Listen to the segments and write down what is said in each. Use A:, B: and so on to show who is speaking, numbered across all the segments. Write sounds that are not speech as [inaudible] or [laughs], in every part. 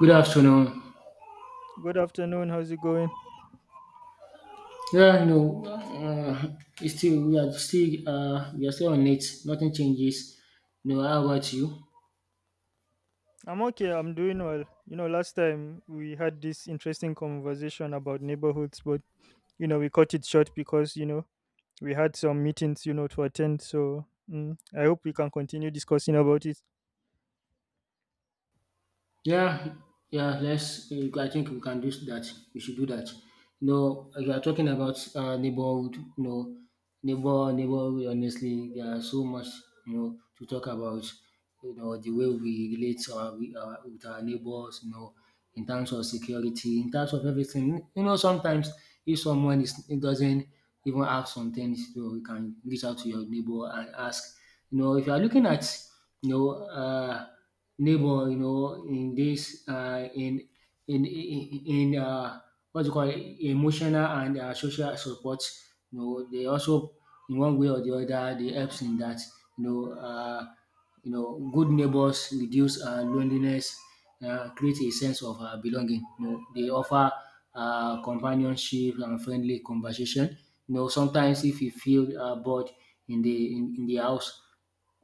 A: Good afternoon.
B: Good afternoon. How's it going?
A: Yeah, it's still we are still on it. Nothing changes. How about you?
B: I'm okay. I'm doing well. You know, last time we had this interesting conversation about neighborhoods, but you know, we cut it short because you know we had some meetings, you know, to attend. So I hope we can continue discussing about it.
A: Yeah, yeah. Let's. I think we can do that. We should do that. You are talking about neighborhood. Neighborhood. Honestly, there are so much to talk about. The way we relate with our neighbors. In terms of security, in terms of everything. Sometimes if someone is doesn't even have some things, you can reach out to your neighbor and ask. If you are looking at you know uh, neighbor, in this in what do you call it, emotional and social support, they also in one way or the other they helps in that. you know uh, Good neighbors reduce loneliness, create a sense of belonging. They offer companionship and friendly conversation. Sometimes if you feel bored in the in the house,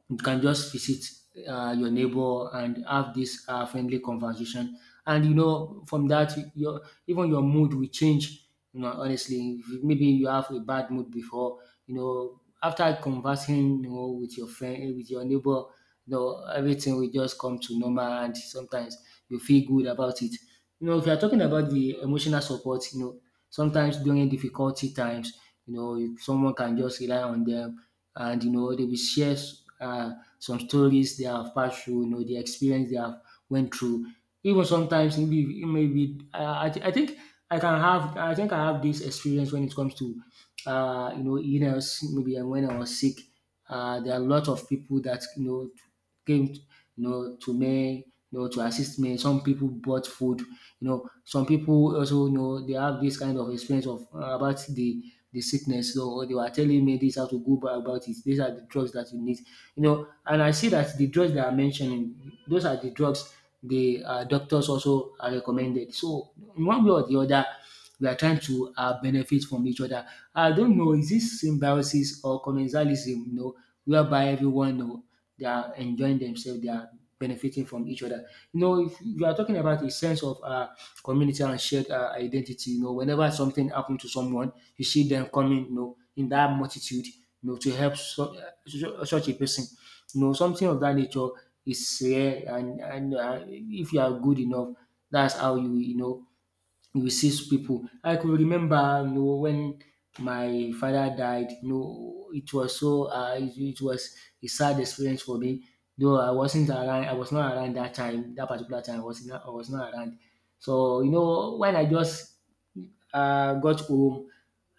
A: you can just visit your neighbor and have this friendly conversation. And from that, your even your mood will change. Honestly, If you- maybe you have a bad mood before. After conversing with your friend, with your neighbor, everything will just come to normal, and sometimes you feel good about it. If you're talking about the emotional support, sometimes during difficulty times, if someone can just rely on them. And they will share uh, some stories they have passed through, the experience they have went through. Even sometimes maybe I think I have this experience when it comes to illness. Maybe when I was sick, there are a lot of people that came to me to assist me. Some people bought food. Some people also they have this kind of experience of about the sickness. So they were telling me this how to go about it. These are the drugs that you need. And I see that the drugs that I'm mentioning, those are the drugs the doctors also are recommended. So in one way or the other, we are trying to benefit from each other. I don't know, is this symbiosis or colonialism, whereby everyone know they are enjoying themselves, they are benefiting from each other. If you are talking about a sense of community and shared identity, whenever something happens to someone, you see them coming, in that multitude, to help such a person. Something of that nature is rare, and if you are good enough, that's how we see people. I could remember, when my father died. It was a sad experience for me. Though I wasn't around, I was not around that time. That particular time, I was not around. So, when I just got home,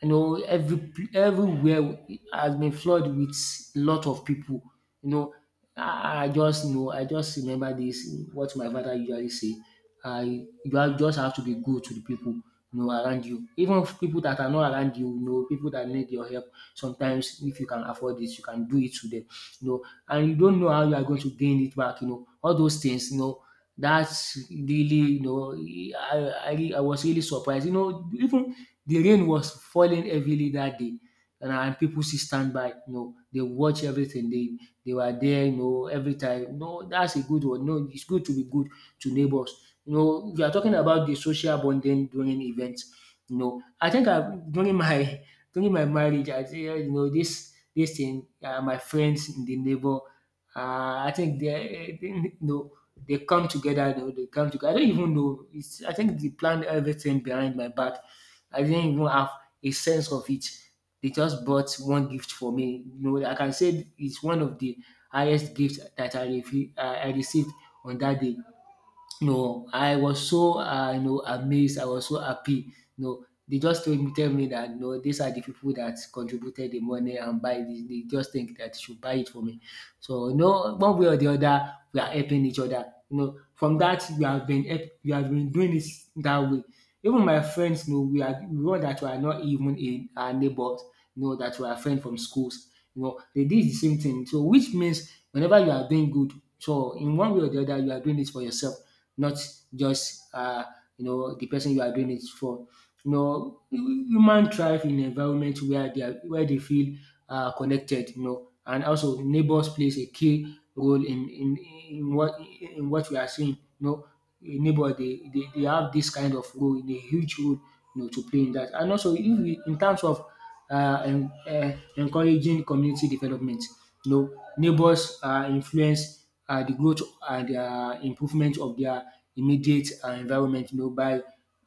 A: everywhere has been flooded with lot of people. You know, I just remember this what my father usually say. You have just have to be good to the people, around you. Even if people that are not around you, people that need your help, sometimes if you can afford it, you can do it to them. And you don't know how you are going to gain it back, all those things. That's really, I was really surprised. Even the rain was falling heavily that day, and people still stand by. They watch everything. They were there. Every time. No, that's a good one. No, it's good to be good to neighbors. If are talking about the social bonding during events, I think I during my [laughs] during my marriage, I think this thing, my friends in the neighbor, I think they they come together, they come together. I don't even know. It's I think they planned everything behind my back. I didn't even have a sense of it. They just bought one gift for me. I can say it's one of the highest gifts that I, refi- I received on that day. I was so amazed. I was so happy. They just tell me that no, these are the people that contributed the money and buy. They just think that they should buy it for me. So no, one way or the other, we are helping each other. From that we have been doing this that way. Even my friends, we are we one that we are not even in our neighbors. You know that we are friends from schools. You know they did the same thing. So which means whenever you are doing good, so in one way or the other, you are doing it for yourself, not just the person you are doing it for. Human thrive in environment where they are, where they feel connected. And also neighbors plays a key role in what we are seeing. A neighbor they have this kind of role, in a huge role, to play in that. And also, if we, in terms of encouraging community development. Neighbors influence the growth and improvement of their immediate environment, by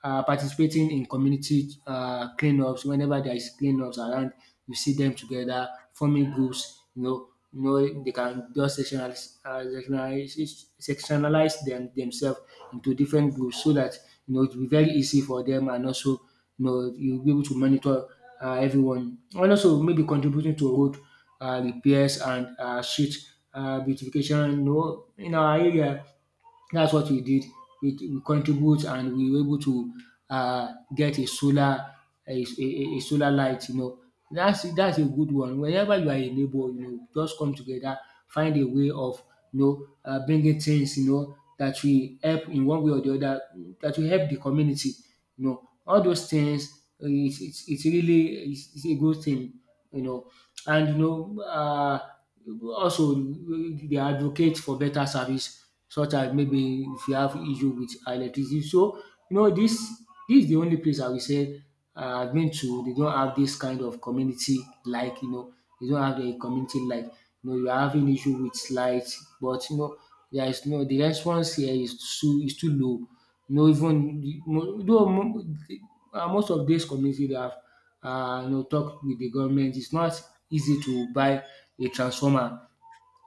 A: participating in community cleanups. Whenever there is cleanups around, you see them together forming groups. They can just sectionalize themselves into different groups, so that it will be very easy for them, and also you'll be able to monitor everyone, and also maybe contributing to road repairs and street beautification. In our area, that's what we did. We contribute and we were able to get a, a, a solar light. That's a good one. Whenever you are a neighbor, just come together, find a way of bringing things that will help in one way or the other, that will help the community. All those things. It's a good thing. You know, and also they advocate for better service, such as maybe if you have issue with electricity. So, you know this this is the only place I will say I have been to. They don't have this kind of community, like. They don't have community, like. You are having issue with light, but there is no the response here is too low. Even though most of dis community dey have talk with the government. It's not easy to buy a transformer.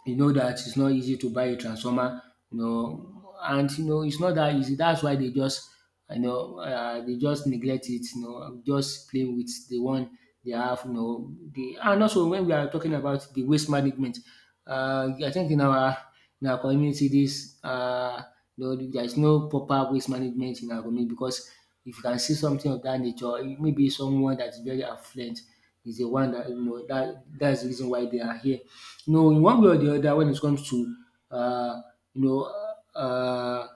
A: You know that it's not easy to buy a transformer. And it's not that easy. That's why they just dey just neglect it, just play with the one they have. The And also when we are talking about the waste management, I think in our community, this dis there is no proper waste management in our community, because if you can see something of that nature, it may be someone that is very affluent is the one that that's the reason why they are here. In one way or the other, when it comes to uh, you know uh,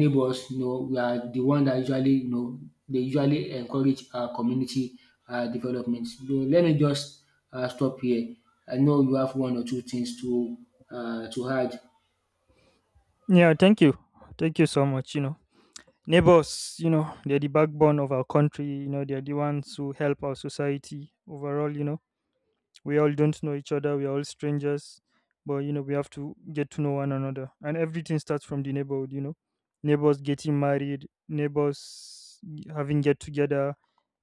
A: neighbours, we are the one that usually they usually encourage community development. So let me just stop here. I know you have one or two things to add.
B: Yeah. Thank you. Thank you so much. You know, neighbors. You know, they're the backbone of our country. You know, they're the ones who help our society overall. You know, we all don't know each other, we're all strangers, but you know, we have to get to know one another, and everything starts from the neighborhood. You know, neighbors getting married, neighbors having get together,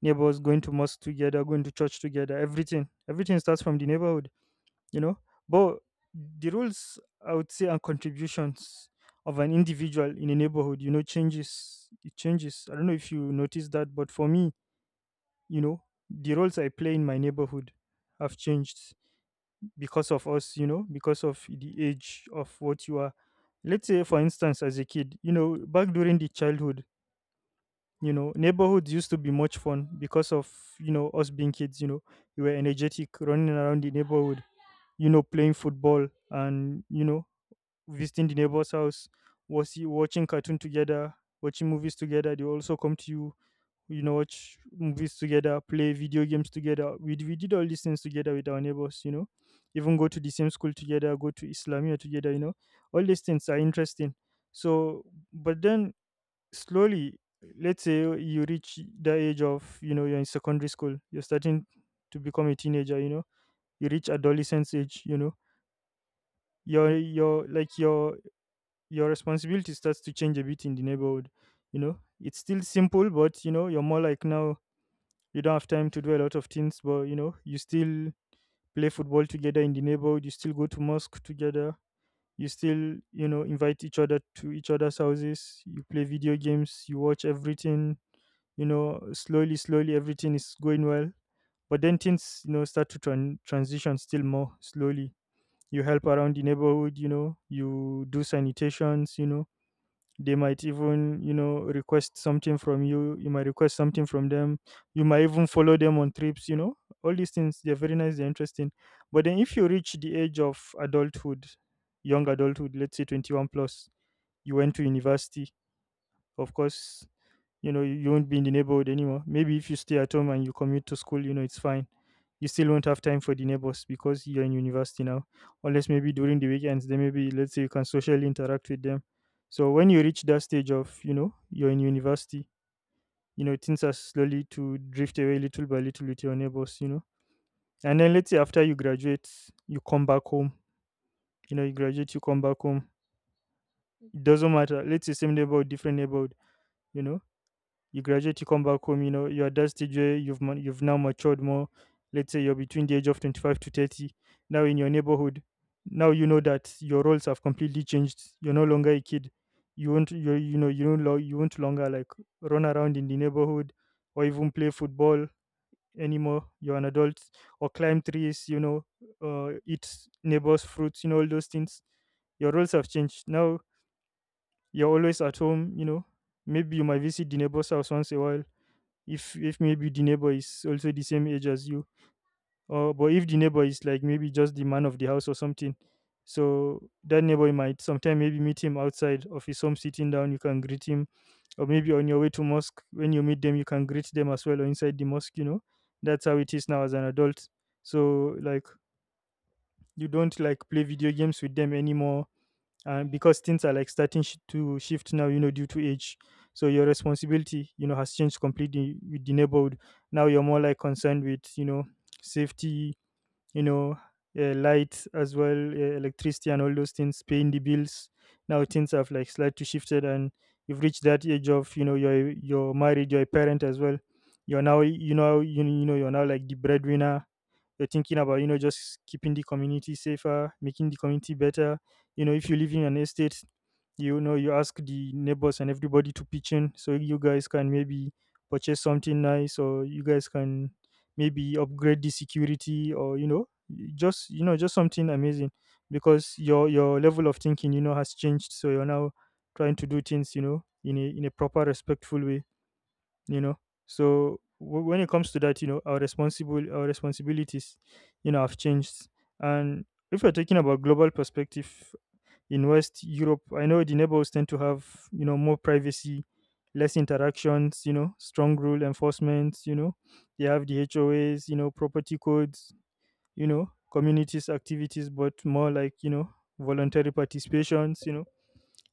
B: neighbors going to mosque together, going to church together. Everything starts from the neighborhood, you know. But the roles, I would say, and contributions of an individual in a neighborhood, you know, changes. It changes. I don't know if you notice that, but for me, you know, the roles I play in my neighborhood have changed because of us, you know, because of the age of what you are. Let's say, for instance, as a kid, you know, back during the childhood, you know, neighborhoods used to be much fun because of, you know, us being kids, you know, we were energetic, running around the neighborhood, you know, playing football, and, you know, visiting the neighbor's house, was watching cartoon together, watching movies together. They also come to you, you know, watch movies together, play video games together. We did all these things together with our neighbors, you know, even go to the same school together, go to islamia together, you know. All these things are interesting. So but then slowly, let's say you reach the age of, you know, you're in secondary school, you're starting to become a teenager, you know, you reach adolescence age, you know, your like your responsibility starts to change a bit in the neighborhood, you know. It's still simple, but you know, you're more like, now you don't have time to do a lot of things, but you know, you still play football together in the neighborhood, you still go to mosque together, you still, you know, invite each other to each other's houses, you play video games, you watch everything, you know, slowly, slowly, everything is going well. But then things, you know, start to transition still more slowly. You help around the neighborhood, you know, you do sanitations, you know, they might even, you know, request something from you, you might request something from them, you might even follow them on trips, you know. All these things, they're very nice, they're interesting. But then if you reach the age of adulthood, young adulthood, let's say 21 plus, you went to university. Of course, you know, you won't be in the neighborhood anymore. Maybe if you stay at home and you commute to school, you know, it's fine. You still won't have time for the neighbors because you're in university now. Unless maybe during the weekends, then maybe, let's say, you can socially interact with them. So when you reach that stage of, you know, you're in university, you know, things are slowly to drift away little by little with your neighbors, you know. And then let's say after you graduate, you come back home. You know, you graduate, you come back home. It doesn't matter. Let's say same neighborhood, different neighborhood, you know, you graduate, you come back home, you know, you're a dad DJ, you've now matured more. Let's say you're between the age of 25 to 30. Now in your neighborhood, now you know that your roles have completely changed. You're no longer a kid. You won't you you know you don't lo- you won't longer like run around in the neighborhood or even play football anymore. You're an adult, or climb trees, you know, eat neighbors' fruits, you know, all those things, your roles have changed. Now you're always at home, you know. Maybe you might visit the neighbor's house once a while, if maybe the neighbor is also the same age as you, or but if the neighbor is like maybe just the man of the house or something, so that neighbor might sometime maybe meet him outside of his home sitting down, you can greet him, or maybe on your way to mosque when you meet them, you can greet them as well, or inside the mosque, you know. That's how it is now as an adult. So like you don't like play video games with them anymore. Because things are like starting to shift now, you know, due to age. So your responsibility, you know, has changed completely with the neighborhood. Now you're more like concerned with, you know, safety, you know, lights as well, electricity, and all those things, paying the bills. Now things have like slightly shifted, and you've reached that age of, you know, you're married, you're a parent as well. You're now, you know, you're now like the breadwinner. You're thinking about, you know, just keeping the community safer, making the community better. You know, if you live in an estate, you know, you ask the neighbors and everybody to pitch in so you guys can maybe purchase something nice, or you guys can maybe upgrade the security, or you know, just you know, just something amazing, because your level of thinking, you know, has changed. So you're now trying to do things, you know, in a proper respectful way, you know. So when it comes to that, you know, our responsibilities, you know, have changed. And if we're talking about global perspective, in West Europe, I know the neighbors tend to have, you know, more privacy, less interactions, you know, strong rule enforcement, you know, they have the HOAs, you know, property codes, you know, communities activities, but more like, you know, voluntary participations, you know,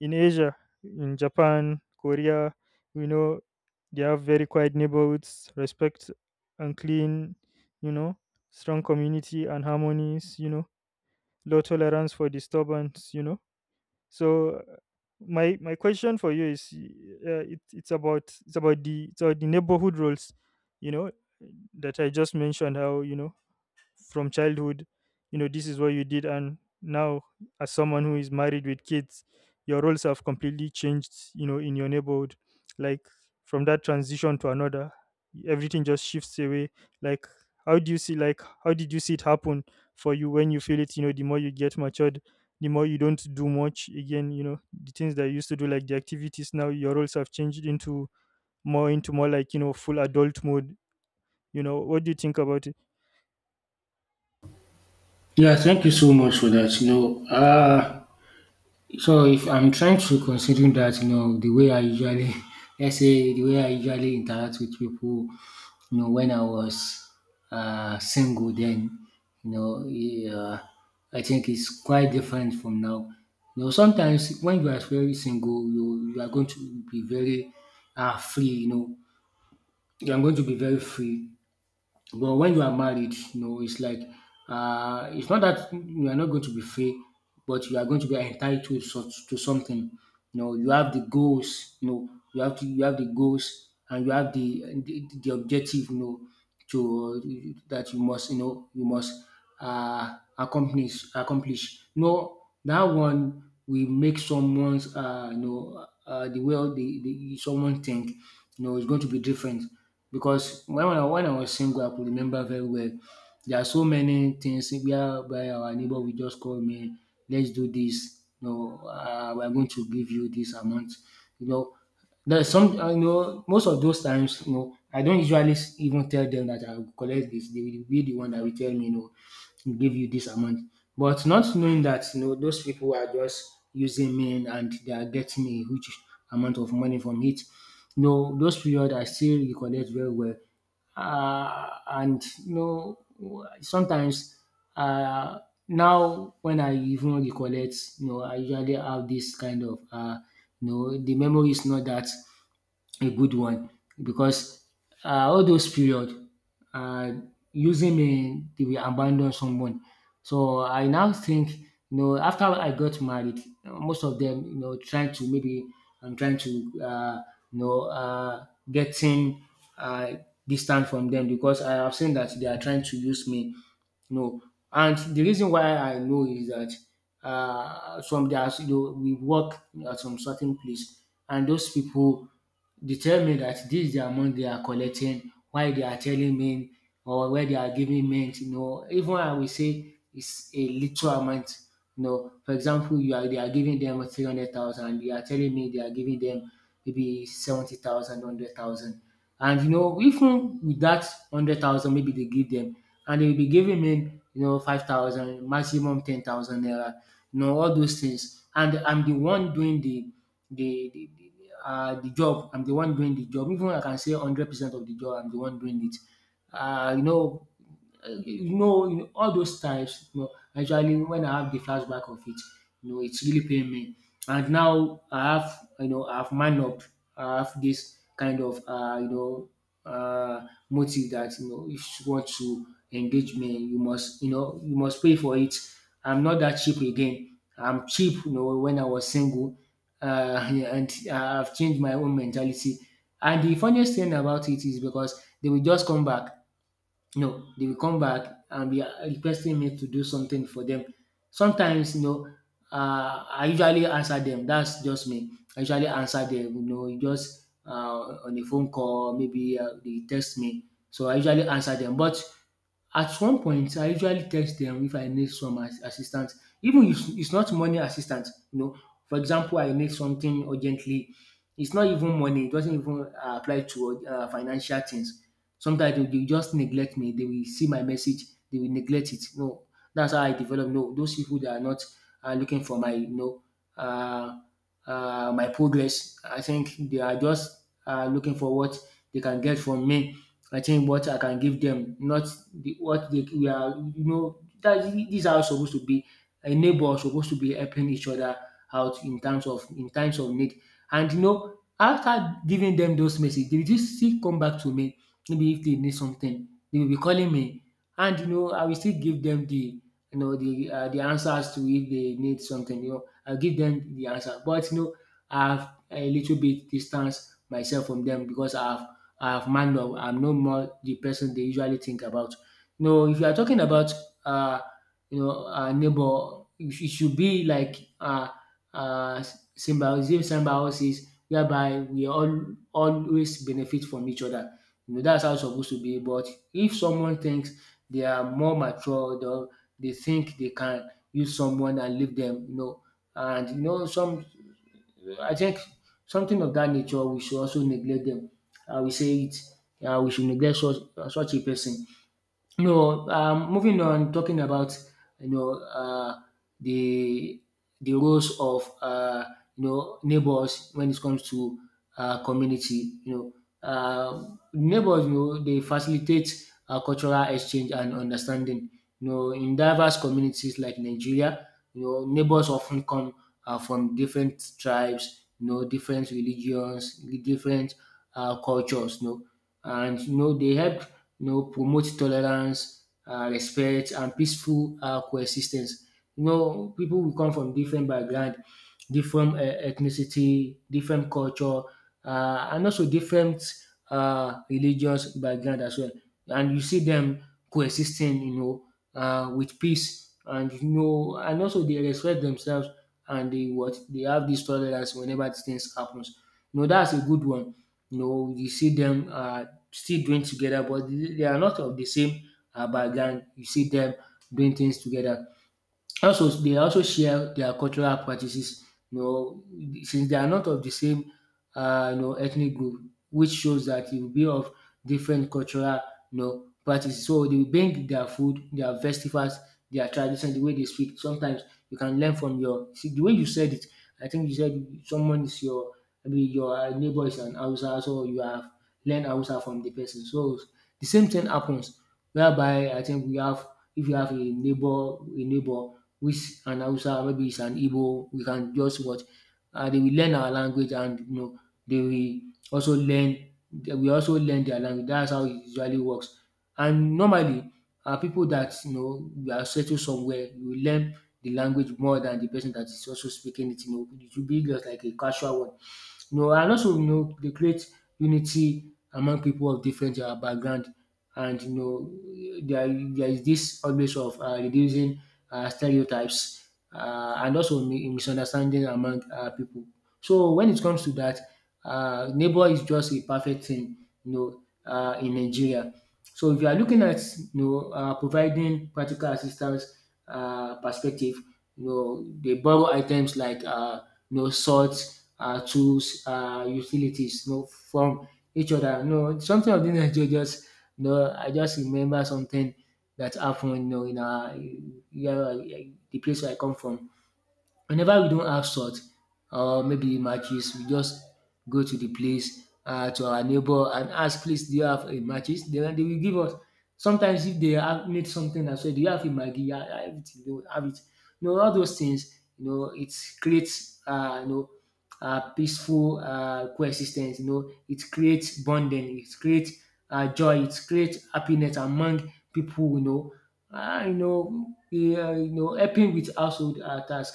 B: in Asia, in Japan, Korea, you know, they have very quiet neighborhoods, respect and clean, you know, strong community and harmonies, you know, low tolerance for disturbance, you know. So my question for you is, it, it's about the neighborhood roles, you know, that I just mentioned. How, you know, from childhood, you know, this is what you did, and now as someone who is married with kids, your roles have completely changed, you know, in your neighborhood. Like from that transition to another, everything just shifts away. Like how do you see, like, how did you see it happen for you? When you feel it, you know, the more you get matured, the more you don't do much again, you know. The things that you used to do, like the activities, now your roles have changed into more, into more like, you know, full adult mode. You know, what do you think about it?
A: Yeah, thank you so much for that. So if I'm trying to consider that, the way I usually, [laughs] let's say, the way I usually interact with people, when I was single, then, yeah, I think it's quite different from now. You know, sometimes when you are very single, you are going to be very free, you know, you are going to be very free. But when you are married, you know, it's like it's not that you are not going to be free, but you are going to be entitled to something. You know, you have the goals. You know, you have the goals and you have the objective. You know, to that you must, you know, you must accomplish accomplish. You know, that one will make the way the someone think, you know, is going to be different. Because when I was single, I could remember very well. There are so many things where by our neighbor will just call me, let's do this. You know, we're going to give you this amount. You know, there's some you know, most of those times, you know, I don't usually even tell them that I will collect this. They will be the one that will tell me, no, will give you this amount. But not knowing that, you know, those people are just using men and they are getting a huge amount of money from it. You know, those period I still recollect very well. And you know, sometimes uh, now when I even recollect, you know, I usually have this kind of the memory is not that a good one because all those period, uh, using me, they will abandon someone. So I now think, you know, after I got married, most of them, you know, trying to maybe I'm trying to uh, you know uh, getting uh, distant from them because I have seen that they are trying to use me, no. And the reason why I know is that some there's, you know, we work at some certain place, and those people, they tell me that this is the amount they are collecting, why they are telling me or where they are giving me, you know, even I will say it's a little amount. You know, for example, you are they are giving them 300,000, they are telling me they are giving them maybe 70,000, 100,000. And you know, even with that 100,000, maybe they give them, and they will be giving him, you know, 5,000, maximum 10,000 naira, you know, all those things. And I'm the one doing the the, the the job. I'm the one doing the job. Even I can say 100% of the job, I'm the one doing it. Uh, you know, you know, all those times, you know, actually when I have the flashback of it, you know, it's really pain me. And now I have, you know, I have man up. I have this kind of motive that, you know, if you want to engage me, you must, you know, you must pay for it. I'm not that cheap again. I'm cheap, you know, when I was single, uh, [laughs] and I've changed my own mentality. And the funniest thing about it is because they will just come back, no, they will come back and be requesting me to do something for them. Sometimes, you know, I usually answer them. That's just me. I usually answer them, you know, just on a phone call, maybe they text me. So I usually answer them. But at one point I usually text them if I need some as assistance, even if it's not money assistance, you know, for example, I need something urgently, it's not even money, it doesn't even apply to financial things. Sometimes they just neglect me. They will see my message, they will neglect it. No, that's how I develop. No, those people that are not looking for my, you know, uh, my progress. I think they are just looking for what they can get from me. I think what I can give them, not the, what they we are, you know, that these are supposed to be a neighbor supposed to be helping each other out in terms of, in times of need. And you know, after giving them those messages, they will just still come back to me, maybe if they need something, they will be calling me, and you know, I will still give them the, you know, the answers to if they need something. You know, I give them the answer, but you know I've a little bit distance myself from them because I've man up. I'm no more the person they usually think about. You know, if you are talking about uh neighbor, it should be like uh symbiosis, symbiosis, whereby we all always benefit from each other. You know, that's how it's supposed to be. But if someone thinks they are more mature, or they think they can use someone and leave them, you know, and you know, some, I think something of that nature, we should also neglect them. I will say it. We should neglect such a person, no. Moving on, talking about, you know, the roles of, you know, neighbors when it comes to community. You know, neighbors, you know, they facilitate cultural exchange and understanding. You know, in diverse communities like Nigeria, you know, neighbors often come from different tribes, you know, different religions, different cultures. You know, and you know they help, you know, promote tolerance, respect, and peaceful coexistence. You know, people will come from different background, different ethnicity, different culture, and also different religious background as well. And you see them coexisting, you know, with peace, and you know, and also they respect themselves, and they, what they have, this tolerance whenever these things happens. You know, that's a good one. You know, you see them still doing together, but they are not of the same background. You see them doing things together. Also, they also share their cultural practices, you know, since they are not of the same, ethnic group, which shows that it will be of different cultural, you know, practices. So they will bring their food, their festivals, their tradition, the way they speak. Sometimes you can learn from your, see, the way you said it. I think you said someone is your, maybe your neighbor is an Hausa, so you have learned Hausa from the person. So the same thing happens, whereby I think we have, if you have a neighbor which and Hausa maybe it's an Igbo, we can just watch, and they will learn our language, and you know they will also learn, they will also learn their language. That's how it usually works. And normally, are people that, you know, we are settled somewhere, you will learn the language more than the person that is also speaking it, you know, it will be just like a casual one. You know, and also, you know, they create unity among people of different background. And you know, there is this always of reducing stereotypes and also misunderstanding among people. So when it comes to that, neighbor is just a perfect thing. You know, in Nigeria. So if you are looking at, you know, providing practical assistance perspective, you know, they borrow items like, you know, salt, tools, utilities, you know, from each other. You know, something of this nature, just you know, I just remember something that happened, you know, in our, yeah, the place where I come from. Whenever we don't have salt or maybe matches, we just go to the place to our neighbor and ask, "please do you have a matches?" Then they will give us. Sometimes if they have need something as well, "do you have a maggi?" "Yeah, I have it." They will have it. You know, all those things, you know, it creates peaceful coexis, you know, it creates bonding, it creates joy, it creates happiness among people, you know. Helping with household task.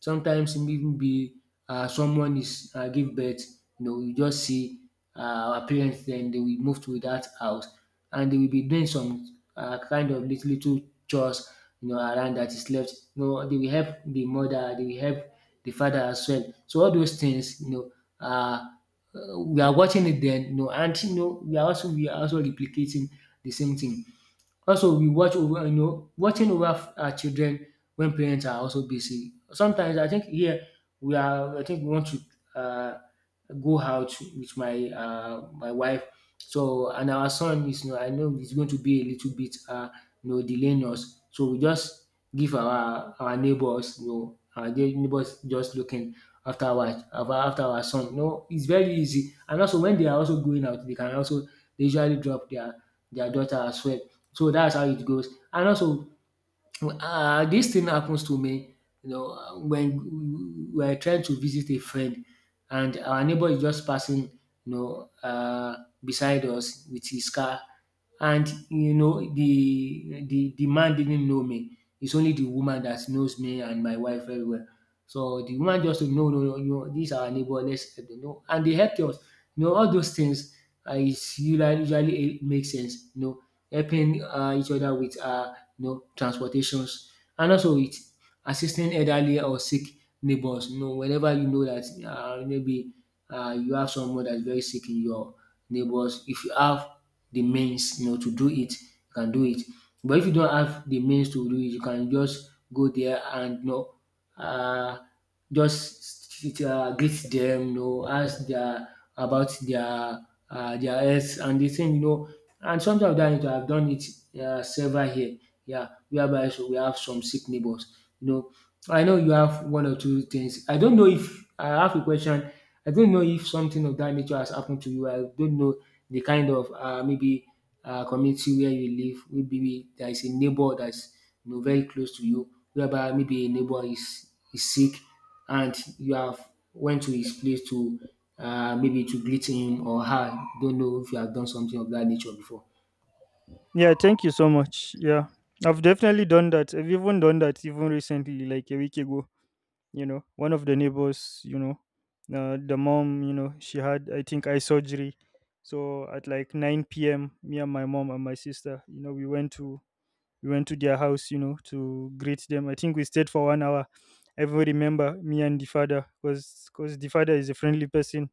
A: Sometimes, even be someone is give birth, you know, you just see our parents dem dey will move to that house and they will be doing some kind of little little chores, you know, around that is left. You know, dey will help the mother, they will help the father as well. So all those things, you know, um we are watching it then, you know, and you know we are also, we are also replicating the same thing. Also we watch over, you know, watching over our children when parents are also busy. Sometimes I think here we are, I think we want to uh, go out with my my wife. So and our son is, you know, I know he's going to be a little bit delaying us. So we just give our neighbors, you know, our neighbors just looking after our after our son. You know it's very easy, and also when they are also going out they can also, they usually drop their daughter as well. So that's how it goes. And also dis thing happens to me, you know, when we are trying to visit a friend and our neighbor is just passing, you know, beside us with his car. And you know, the man didn't know me. It's only the woman that knows me and my wife very well. So the woman just said, no, no, no, no, these are our neighbor, let's help dem, no, and they helped us. You know all those things is usually, usually it makes sense, you know, helping each other with you know, transportations. And also with assisting elderly or sick neighbors. You know, whenever you know that maybe you have someone that's very sick in your neighbors, if you have the means, you know, to do it, you can do it. But if you don't have the means to do it, you can just go there and, you know, uh, just greet them, you know, ask their about their health and the thing, you know. And sometimes dat I have done it several here, yeah, whereby so we have some sick neighbours, you know. I know you have one or two things. I don't know if I have a question. I don't know if something of that nature has happened to you. I don't know the kind of maybe community where you live, maybe there is a neighbour that's is, you know, very close to you, whereby maybe a neighbour is sick and you have went to his place to maybe to greet him or her. Don't know if you have done something of that nature before.
B: Yeah, thank you so much. Yeah, I've definitely done that. I've even done that even recently, like a week ago. You know, one of the neighbors, you know, the mom, you know, she had, I think, eye surgery. So at like 9 p.m., me and my mom and my sister, you know, we went to their house, you know, to greet them. I think we stayed for 1 hour. I even remember me and the father, because the father is a friendly person.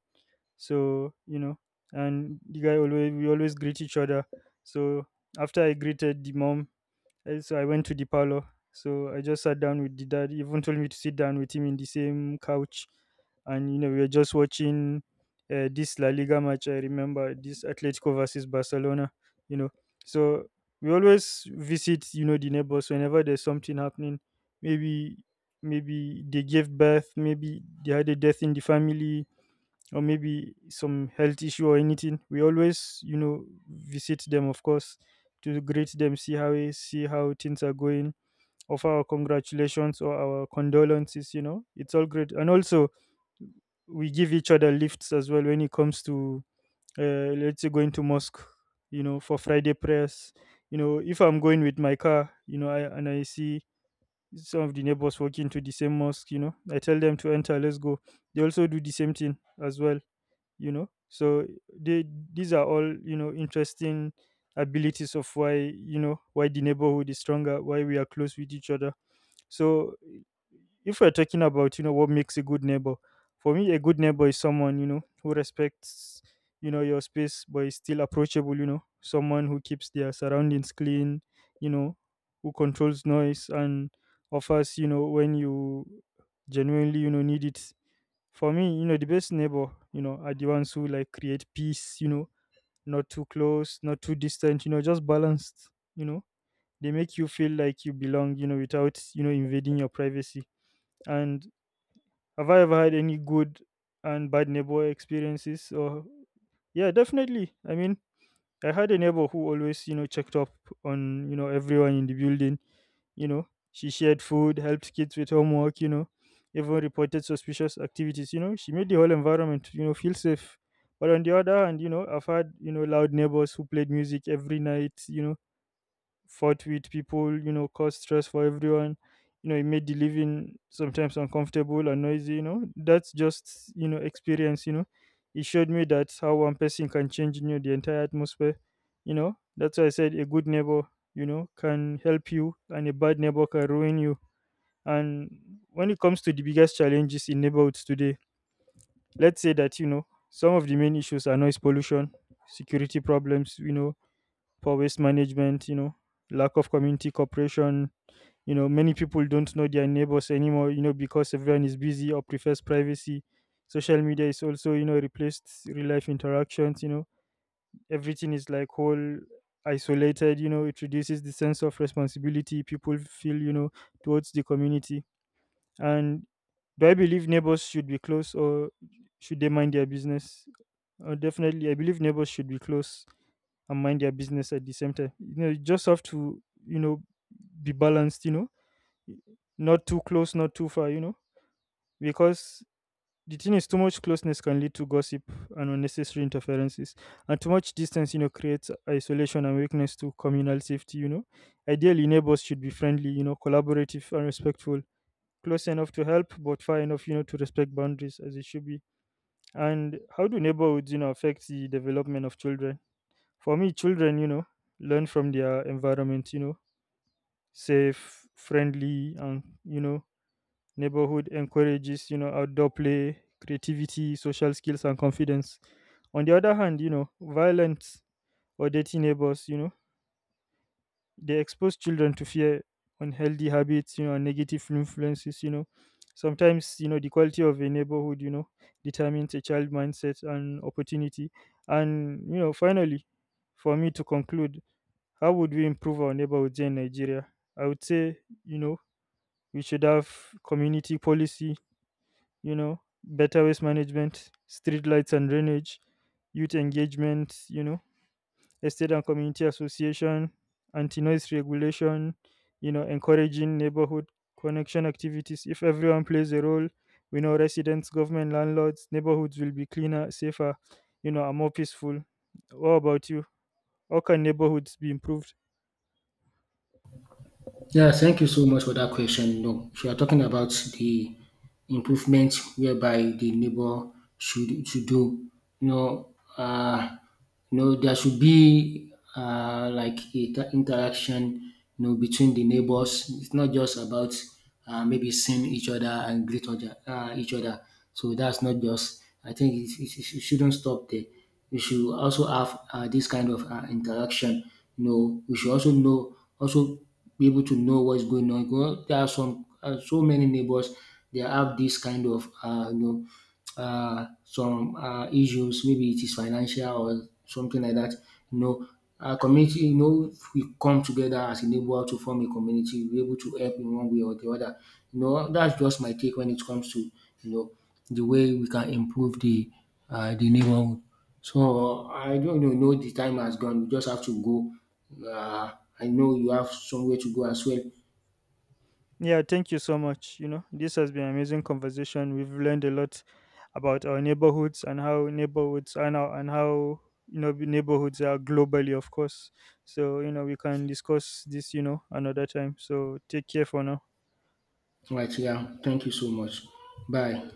B: So, you know, and the guy always, we always greet each other. So after I greeted the mom, so I went to the parlor. So I just sat down with the dad, he even told me to sit down with him in the same couch. And, you know, we were just watching this La Liga match. I remember this Atletico versus Barcelona, you know. So we always visit, you know, the neighbors whenever there's something happening. Maybe, maybe they gave birth, maybe they had a death in the family, or maybe some health issue or anything, we always, you know, visit them, of course, to greet them, see see how things are going, offer our congratulations or our condolences. You know, it's all great, and also we give each other lifts as well when it comes to, let's say, going to mosque. You know, for Friday prayers. You know, if I'm going with my car, you know, and I see some of the neighbors walking to the same mosque, you know, I tell them to enter, let's go. They also do the same thing as well, so they these are all, interesting abilities of why you know why the neighborhood is stronger, why we are close with each other. So if we're talking about what makes a good neighbor, for me, a good neighbor is someone who respects your space, but is still approachable, someone who keeps their surroundings clean, you know who controls noise and offers, when you genuinely, need it. For me, the best neighbor, are the ones who like create peace, not too close, not too distant, just balanced, you know. They make you feel like you belong, without, invading your privacy. And have I ever had any good and bad neighbor experiences? Or yeah, definitely. I mean, I had a neighbor who always, checked up on, everyone in the building. She shared food, helped kids with homework, even reported suspicious activities. She made the whole environment, feel safe. But on the other hand, I've had, loud neighbors who played music every night, fought with people, caused stress for everyone. It made the living sometimes uncomfortable and noisy. That's just, experience. It showed me that how one person can change, the entire atmosphere. That's why I said a good neighbor, can help you, and a bad neighbor can ruin you. And when it comes to the biggest challenges in neighborhoods today, let's say that, some of the main issues are noise pollution, security problems, poor waste management, lack of community cooperation. Many people don't know their neighbors anymore, because everyone is busy or prefers privacy. Social media is also, replaced real life interactions. Everything is like whole isolated, it reduces the sense of responsibility people feel, towards the community. And do I believe neighbors should be close or should they mind their business? Definitely, I believe neighbors should be close and mind their business at the same time. You just have to, you know, be balanced, not too close, not too far, because the thing is, too much closeness can lead to gossip and unnecessary interferences, and too much distance, creates isolation and weakness to communal safety. Ideally, neighbors should be friendly, collaborative and respectful, close enough to help, but far enough, to respect boundaries as it should be. And how do neighborhoods, affect the development of children? For me, children, learn from their environment, safe, friendly, and, neighborhood encourages, outdoor play, creativity, social skills, and confidence. On the other hand, violence or dirty neighbors, they expose children to fear, unhealthy habits, and negative influences. Sometimes, the quality of a neighborhood, determines a child mindset and opportunity. And, finally, for me to conclude, how would we improve our neighborhoods here in Nigeria? I would say, you know, we should have community policy, better waste management, street lights and drainage, youth engagement, estate and community association, anti-noise regulation, encouraging neighborhood connection activities. If everyone plays a role, we know residents, government, landlords, neighborhoods will be cleaner, safer, and more peaceful. What about you? How can neighborhoods be improved?
A: Yeah, thank you so much for that question. No, if you are talking about the improvement whereby the neighbor should do, no, uh, no, there should be like a interaction, you know, between the neighbors. It's not just about maybe seeing each other and greet other, each other. So that's not just. I think it shouldn't stop there. We should also have this kind of interaction. You know, we should also know, also be able to know what's going on. You know, there are some so many neighbors, they have this kind of some issues. Maybe it is financial or something like that. You know, our community. You know, if we come together as a neighbor to form a community, we're able to help in one way or the other. You know, that's just my take when it comes to, you know, the way we can improve the neighborhood. So I don't even know the time has gone. We just have to go. Uh, I know you have somewhere to go as well.
B: Yeah, thank you so much. This has been an amazing conversation. We've learned a lot about our neighborhoods and how neighborhoods are globally, of course. So we can discuss this, another time. So take care for now.
A: Right, yeah. Thank you so much. Bye.